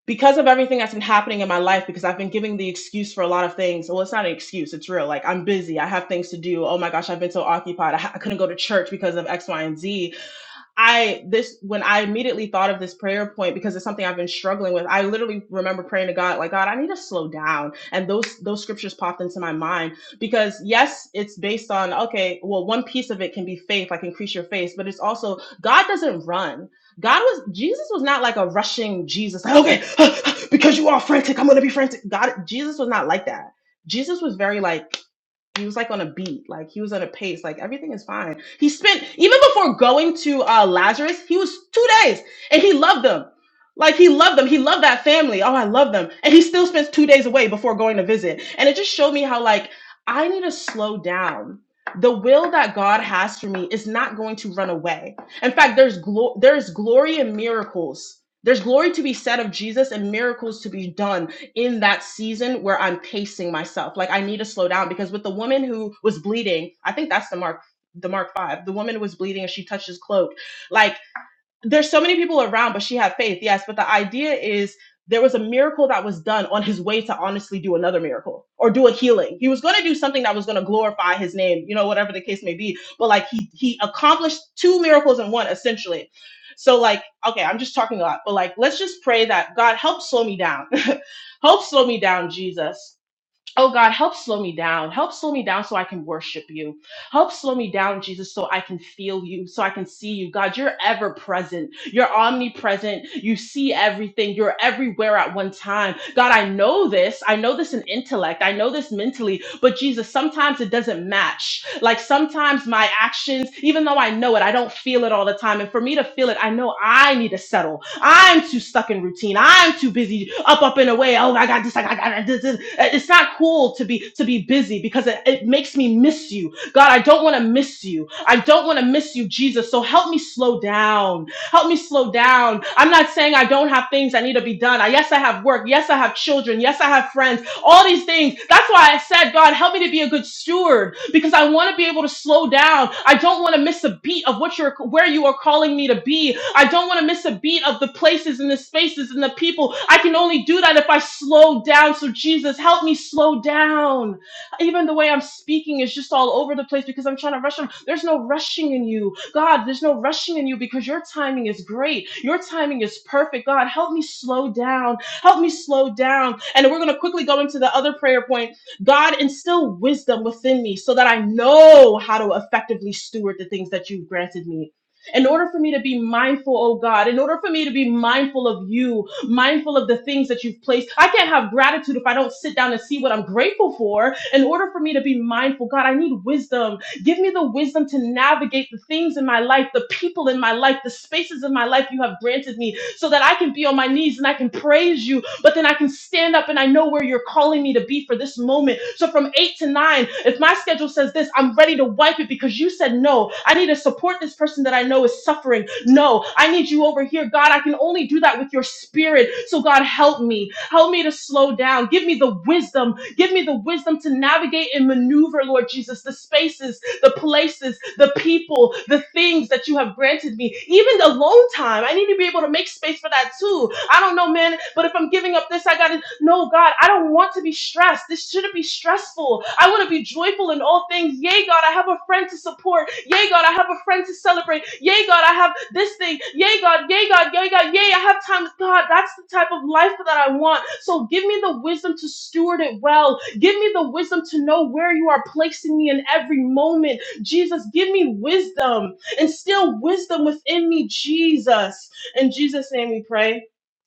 B: because of everything that's been happening in my life because i've been giving the excuse for a lot of things well it's not an excuse it's real like i'm busy i have things to do oh my gosh i've been so occupied i, ha- I couldn't go to church because of x y and z I this when I immediately thought of this prayer point because it's something I've been struggling with. I literally remember praying to God like God, I need to slow down. And those those scriptures popped into my mind because yes, it's based on okay, well one piece of it can be faith, like increase your faith, but it's also God doesn't run. God was Jesus was not like a rushing Jesus like okay, because you are frantic, I'm going to be frantic. God Jesus was not like that. Jesus was very like he was like on a beat, like he was on a pace, like everything is fine. He spent even before going to uh Lazarus, he was two days and he loved them. Like he loved them. He loved that family. Oh, I love them. And he still spends two days away before going to visit. And it just showed me how like I need to slow down. The will that God has for me is not going to run away. In fact, there's glo- there's glory in miracles. There's glory to be said of Jesus and miracles to be done in that season where I'm pacing myself. Like I need to slow down because with the woman who was bleeding, I think that's the mark the mark 5. The woman was bleeding and she touched his cloak. Like there's so many people around, but she had faith, yes. But the idea is there was a miracle that was done on his way to honestly do another miracle or do a healing. He was going to do something that was going to glorify his name, you know, whatever the case may be. But like he he accomplished two miracles in one essentially. So like, okay, I'm just talking a lot, but like, let's just pray that God help slow me down, help slow me down, Jesus. Oh God, help slow me down. Help slow me down so I can worship you. Help slow me down, Jesus, so I can feel you, so I can see you. God, you're ever present. You're omnipresent. You see everything. You're everywhere at one time. God, I know this. I know this in intellect. I know this mentally. But Jesus, sometimes it doesn't match. Like sometimes my actions, even though I know it, I don't feel it all the time. And for me to feel it, I know I need to settle. I'm too stuck in routine. I'm too busy up, up and away. Oh, I got this. I got, I got this, this. It's not cool to be to be busy because it, it makes me miss you. God, I don't want to miss you. I don't want to miss you, Jesus. So help me slow down. Help me slow down. I'm not saying I don't have things that need to be done. I, yes, I have work. Yes, I have children. Yes, I have friends all these things. That's why I said, God, help me to be a good steward because I want to be able to slow down. I don't want to miss a beat of what you're where you are calling me to be. I don't want to miss a beat of the places and the spaces and the people. I can only do that if I slow down. So Jesus, help me slow down. Even the way I'm speaking is just all over the place because I'm trying to rush on. There's no rushing in you. God, there's no rushing in you because your timing is great. Your timing is perfect. God, help me slow down Help me slow down. And we're going to quickly go into the other prayer point. God, instill wisdom within me so that I know how to effectively steward the things that you've granted me. In order for me to be mindful, oh God, in order for me to be mindful of you, mindful of the things that you've placed, I can't have gratitude if I don't sit down and see what I'm grateful for. In order for me to be mindful, God, I need wisdom. Give me the wisdom to navigate the things in my life, the people in my life, the spaces in my life you have granted me so that I can be on my knees and I can praise you, but then I can stand up and I know where you're calling me to be for this moment. So from eight to nine, if my schedule says this, I'm ready to wipe it because you said no. I need to support this person that I know is suffering. No, I need you over here. God, I can only do that with your spirit. So God, help me. Help me to slow down. Give me the wisdom. Give me the wisdom to navigate and maneuver, Lord Jesus, the spaces the places, the people, the things that you have granted me. Even alone time, I need to be able to make space for that too. I don't know, man, but if I'm giving up this, I got to no, God, I don't want to be stressed. This shouldn't be stressful. I want to be joyful in all things. Yay, God, I have a friend to support. Yay, God, I have a friend to celebrate. Yay, God, I have this thing. Yay, God, yay, God, yay, God, yay, I have time with God. That's the type of life that I want. So give me the wisdom to steward it well. Give me the wisdom to know where you are placing me in every moment. Jesus, give me wisdom. Instill wisdom within me, Jesus. In Jesus' name we pray.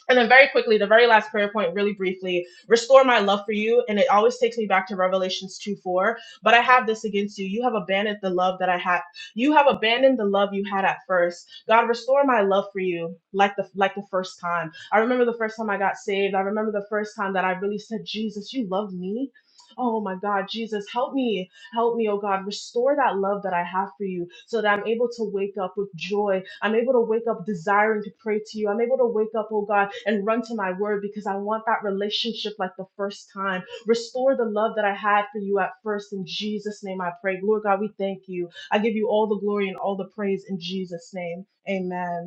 B: And then very quickly, the very last prayer point, really briefly, restore my love for you. And it always takes me back to Revelations 2 4. But I have this against you. You have abandoned the love that I had. You have abandoned the love you had at first. God, restore my love for you like the like the first time. I remember the first time I got saved. I remember the first time that I really said, Jesus, you love me. Oh my God, Jesus, help me. Help me, oh God, restore that love that I have for you so that I'm able to wake up with joy. I'm able to wake up desiring to pray to you. I'm able to wake up, oh God, and run to my word because I want that relationship like the first time. Restore the love that I had for you at first. In Jesus' name I pray. Lord God, we thank you. I give you all the glory and all the praise in Jesus' name. Amen.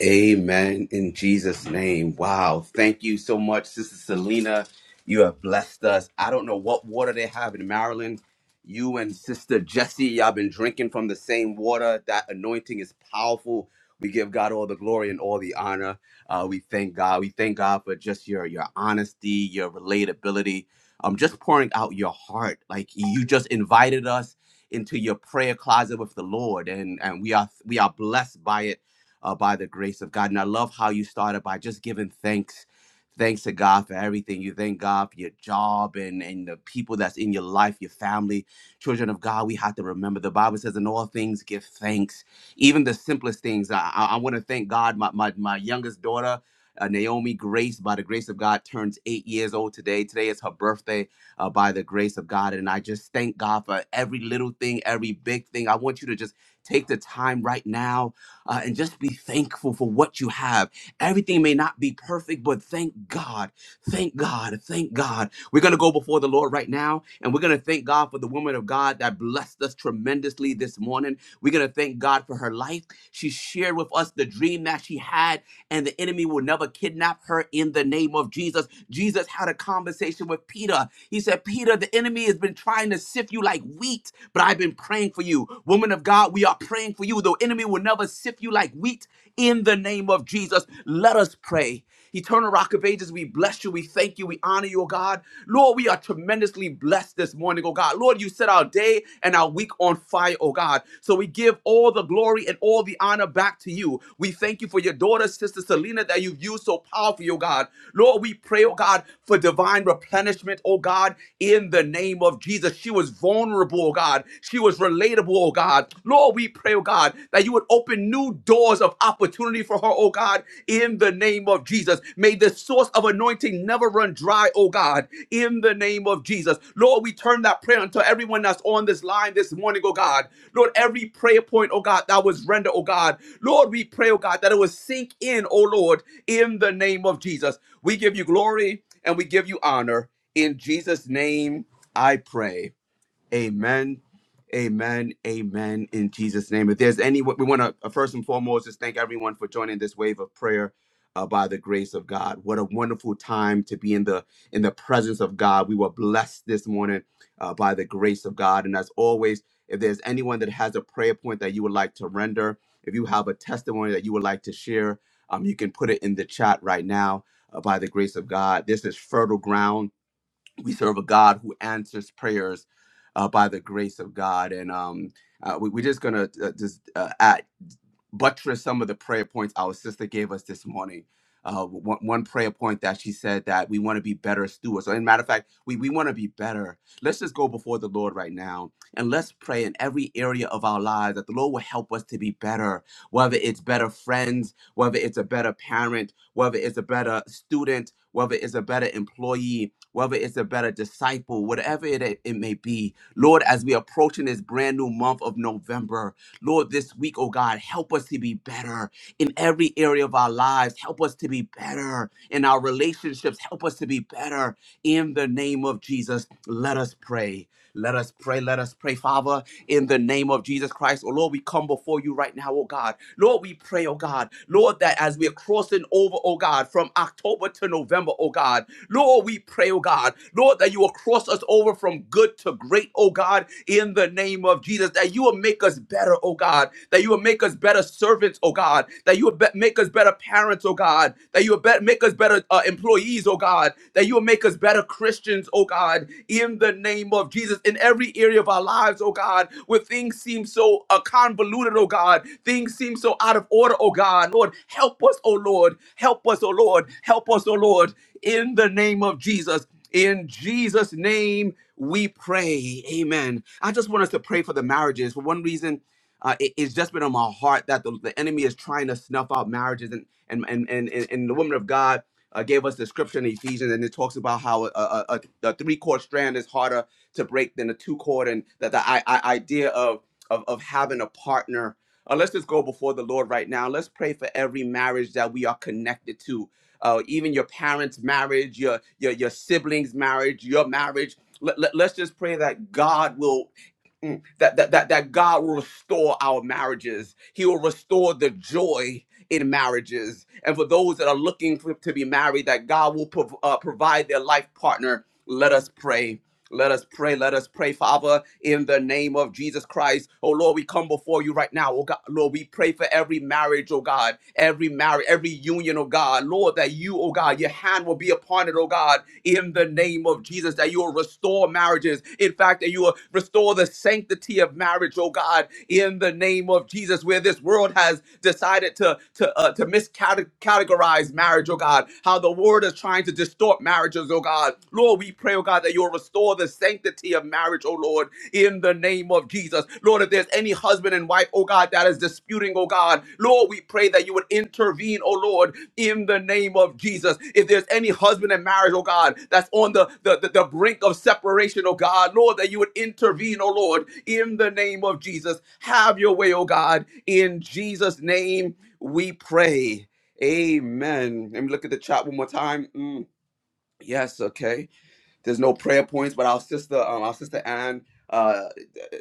A: Amen. In Jesus' name. Wow. Thank you so much, Sister Selena. You have blessed us. I don't know what water they have in Maryland. You and Sister Jessie, y'all been drinking from the same water. That anointing is powerful. We give God all the glory and all the honor. Uh, we thank God. We thank God for just your your honesty, your relatability. Um, just pouring out your heart. Like you just invited us into your prayer closet with the Lord, and and we are we are blessed by it uh, by the grace of God. And I love how you started by just giving thanks. Thanks to God for everything. You thank God for your job and, and the people that's in your life, your family. Children of God, we have to remember the Bible says, in all things, give thanks. Even the simplest things. I, I, I want to thank God. My, my, my youngest daughter, uh, Naomi Grace, by the grace of God, turns eight years old today. Today is her birthday uh, by the grace of God. And I just thank God for every little thing, every big thing. I want you to just Take the time right now uh, and just be thankful for what you have. Everything may not be perfect, but thank God. Thank God. Thank God. We're going to go before the Lord right now, and we're going to thank God for the woman of God that blessed us tremendously this morning. We're going to thank God for her life. She shared with us the dream that she had, and the enemy will never kidnap her in the name of Jesus. Jesus had a conversation with Peter. He said, Peter, the enemy has been trying to sift you like wheat, but I've been praying for you. Woman of God, we are praying for you. The enemy will never sift you like wheat in the name of Jesus. Let us pray. Eternal Rock of Ages, we bless you. We thank you. We honor you, oh God. Lord, we are tremendously blessed this morning, oh God. Lord, you set our day and our week on fire, oh God. So we give all the glory and all the honor back to you. We thank you for your daughter, Sister Selena, that you've used so powerfully, oh God. Lord, we pray, oh God, for divine replenishment, oh God, in the name of name of Jesus. She was vulnerable, oh God. She was relatable, oh God. Lord, we pray, oh God, that you would open new doors of opportunity for her, oh God, in the name of Jesus. May the source of anointing never run dry, oh God, in the name of Jesus. Lord, we turn that prayer unto everyone that's on this line this morning, oh God. Lord, every prayer point, oh God, that was rendered, oh God. Lord, we pray, oh God, that it would sink in, oh Lord, in the name of Jesus. We give you glory and we give you honor in Jesus' name. I pray. Amen. Amen. Amen. In Jesus' name. If there's any, we want to first and foremost just thank everyone for joining this wave of prayer uh, by the grace of God. What a wonderful time to be in the in the presence of God. We were blessed this morning uh, by the grace of God. And as always, if there's anyone that has a prayer point that you would like to render, if you have a testimony that you would like to share, um, you can put it in the chat right now uh, by the grace of God. This is fertile ground we serve a God who answers prayers uh, by the grace of God. And um, uh, we, we're just going to uh, just uh, add, buttress some of the prayer points our sister gave us this morning. Uh, one, one prayer point that she said that we want to be better stewards. So, as a matter of fact, we, we want to be better. Let's just go before the Lord right now and let's pray in every area of our lives that the Lord will help us to be better whether it's better friends, whether it's a better parent, whether it's a better student, whether it's a better employee, whether it's a better disciple, whatever it, it may be. Lord, as we approach in this brand new month of November, Lord, this week, oh God, help us to be better in every area of our lives. Help us to be better in our relationships. Help us to be better in the name of Jesus. Let us pray. Let us pray. Let us pray, Father, in the name of Jesus Christ. Oh Lord, we come before you right now, oh God. Lord, we pray, oh God. Lord, that as we're crossing over, oh God, from October to November, oh God. Lord, we pray, oh God. Lord, that you will cross us over from good to great, oh God, in the name of Jesus. That you will make us better, oh God. That you will make us better servants, oh God. That you will be- make us better parents, oh God. That you will be- bet, make us better uh, employees, oh God, that you will make us better Christians, oh God, in the name of Jesus, in every area of our lives, oh God, where things seem so uh, convoluted, oh God, things seem so out of order, oh God, Lord, help us, oh Lord, help us, oh Lord, help us, oh Lord, in the name of Jesus. In Jesus' name we pray. Amen. I just want us to pray for the marriages. For one reason, uh, it, it's just been on my heart that the, the enemy is trying to snuff out marriages, and and and and, and, and the woman of God uh, gave us the scripture in Ephesians, and it talks about how a, a, a, a three chord strand is harder to break than a two chord, and that the I, I idea of, of of having a partner. Uh, let's just go before the Lord right now. Let's pray for every marriage that we are connected to, uh, even your parents' marriage, your your your siblings' marriage, your marriage. Let, let, let's just pray that God will mm, that, that that that God will restore our marriages. He will restore the joy in marriages. And for those that are looking for, to be married, that God will prov- uh, provide their life partner. Let us pray. Let us pray. Let us pray, Father, in the name of Jesus Christ. Oh Lord, we come before you right now. Oh God, Lord, we pray for every marriage, oh God, every marriage, every union, oh God. Lord, that you, oh God, your hand will be upon it, oh God, in the name of Jesus, that you will restore marriages. In fact, that you will restore the sanctity of marriage, oh God, in the name of Jesus, where this world has decided to to to uh, to miscategorize marriage, oh God. How the world is trying to distort marriages, oh God. Lord, we pray, oh God, that you'll restore the sanctity of marriage, oh Lord, in the name of Jesus. Lord, if there's any husband and wife, oh God, that is disputing, oh God, Lord, we pray that you would intervene, oh Lord, in the name of Jesus. If there's any husband and marriage, oh God, that's on the, the, the, the brink of separation, oh God, Lord, that you would intervene, oh Lord, in the name of Jesus. Have your way, oh God, in Jesus' name we pray. Amen. Let me look at the chat one more time. Mm, yes, okay. There's no prayer points, but our sister, um, our sister Ann, uh,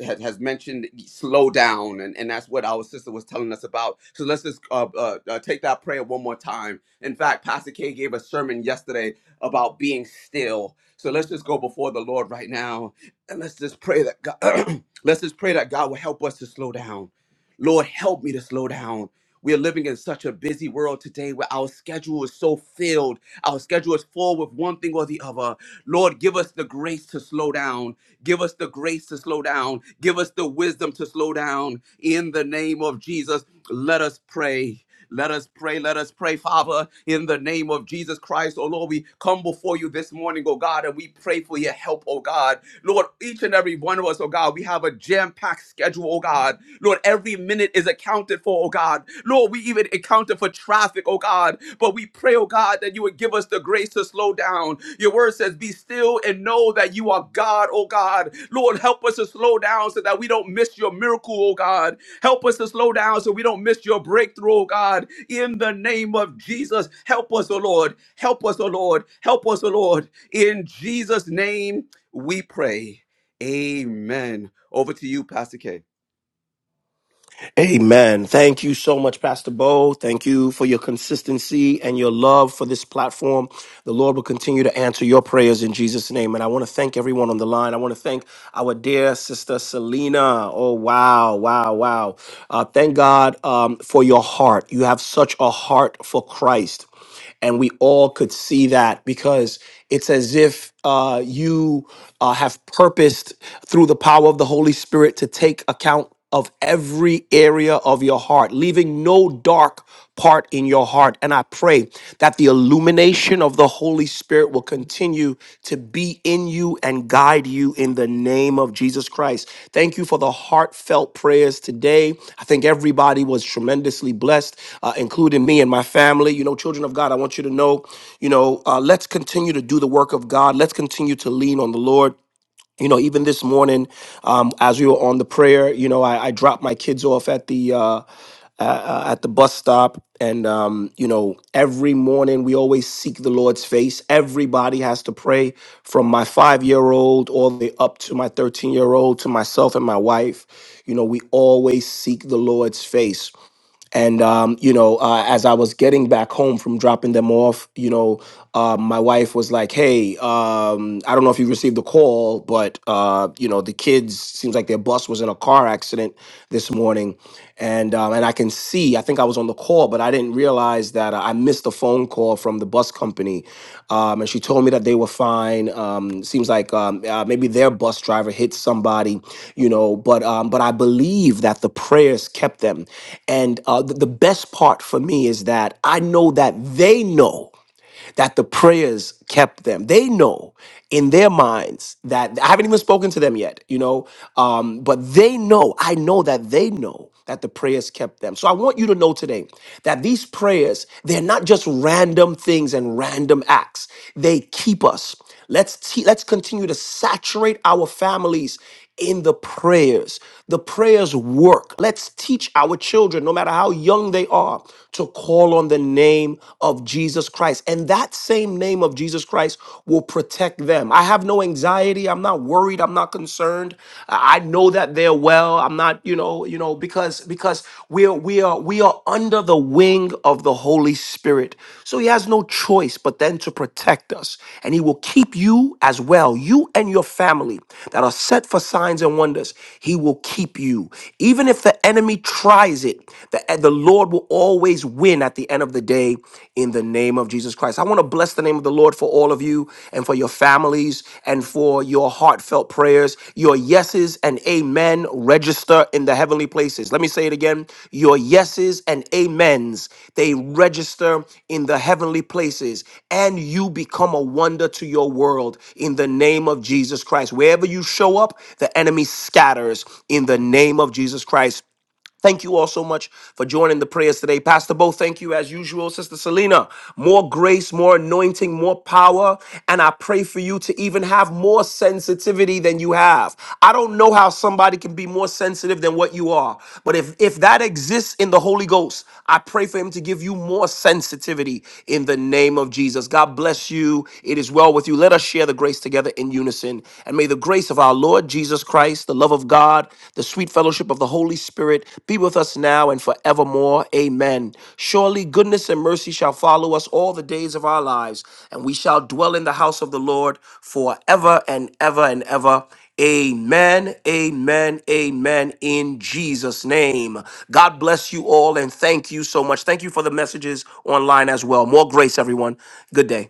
A: has, has mentioned slow down, and, and that's what our sister was telling us about. So let's just uh, uh, uh, take that prayer one more time. In fact, Pastor K gave a sermon yesterday about being still. So let's just go before the Lord right now, and let's just pray that God, let's just pray that God will help us to slow down. Lord, help me to slow down. We are living in such a busy world today where our schedule is so filled. Our schedule is full with one thing or the other. Lord, give us the grace to slow down. Give us the grace to slow down. Give us the wisdom to slow down. In the name of Jesus, let us pray. Let us pray. Let us pray, Father, in the name of Jesus Christ. Oh Lord, we come before you this morning, oh God, and we pray for your help, oh God. Lord, each and every one of us, oh God, we have a jam-packed schedule, oh God. Lord, every minute is accounted for, oh God. Lord, we even accounted for traffic, oh God. But we pray, oh God, that you would give us us the grace to slow down. Your word says, Be still and know that you are God, oh God. Lord, help us to slow down so that we don't miss your miracle, oh God. Help us to slow down so we don't miss your breakthrough, oh God. In the name of Jesus, help us, oh Lord. Help us, oh Lord. Help us, oh Lord. In Jesus' name we pray. Amen. Over to you, Pastor K.
C: Amen. Thank you so much, Pastor Bo. Thank you for your consistency and your love for this platform. The Lord will continue to answer your prayers in Jesus' name. And I want to thank everyone on the line. I want to thank our dear sister Selena. Oh, wow, wow, wow. Uh, thank God um, for your heart. You have such a heart for Christ. And we all could see that because it's as if uh, you uh, have purposed through the power of the Holy Spirit to take account of every area of your heart, leaving no dark part in your heart. And I pray that the illumination of the Holy Spirit will continue to be in you and guide you in the name of Jesus Christ. Thank you for the heartfelt prayers today. I think everybody was tremendously blessed, uh, including me and my family. You know, children of God, I want you to know, you know, uh, let's continue to do the work of God. Let's continue to lean on the Lord. You know, even this morning, um, as we were on the prayer, you know, I, I dropped my kids off at the uh, uh, at the bus stop. And, um, you know, every morning we always seek the Lord's face. Everybody has to pray from my five year old all the way up to my 13 year old to myself and my wife. You know, we always seek the Lord's face and um, you know, uh, as I was getting back home from dropping them off, you know, uh, my wife was like, "Hey, um, I don't know if you received the call, but uh, you know, the kids seems like their bus was in a car accident this morning, and um, and I can see. I think I was on the call, but I didn't realize." realized that uh, I missed a phone call from the bus company, um, and she told me that they were fine. Um, seems like um, uh, maybe their bus driver hit somebody, you know. But um, but I believe that the prayers kept them, and uh, the, the best part for me is that I know that they know that the prayers kept them. They know in their minds that I haven't even spoken to them yet, you know, um, but they know, I know that they know that the prayers kept them. So I want you to know today that these prayers, they're not just random things and random acts, they keep us. Let's te- let's continue to saturate our families in the prayers. The prayers work. Let's teach our children, no matter how young they are, to call on the name of Jesus Christ. And that same name of Jesus Christ will protect them. I have no anxiety. I'm not worried. I'm not concerned. I I know that they're well. I'm not, you know, you know, because because because we are we are we are under the wing of the Holy Spirit. So he has no choice but then to protect us. And he will keep you as well, you and your family that are set for signs and wonders. He will keep you. Even if the enemy tries it, the, eh, the Lord will always win at the end of the day in the name of Jesus Christ. I want to bless the name of the Lord for all of you you and for your families and for your heartfelt prayers. Your yeses and amen register in the heavenly places. Let me say it again. Your yeses and amens, they register in the heavenly places, and you become a wonder to your world in the name of Jesus Christ. Wherever you show up, the enemy scatters in the name of Jesus Christ. Thank you all so much for joining the prayers today. Pastor Bo, thank you as usual. Sister Selena, more grace, more anointing, more power. And I pray for you to even have more sensitivity than you have. I don't know how somebody can be more sensitive than what you are, but if, if that exists in the Holy Ghost, I pray for him to give you more sensitivity in the name of Jesus. God bless you. It is well with you. Let us share the grace together in unison. And may the grace of our of our Lord Jesus Christ, the love of God, the sweet fellowship of the Holy Spirit be with us now and forevermore. Amen. Surely goodness and mercy shall follow us all the days of our lives, and we shall dwell in the house of the Lord forever and ever and ever. Amen, amen, amen in Jesus' name. God bless you all and thank you so much. Thank you for the messages online as well. More grace, everyone. Good day.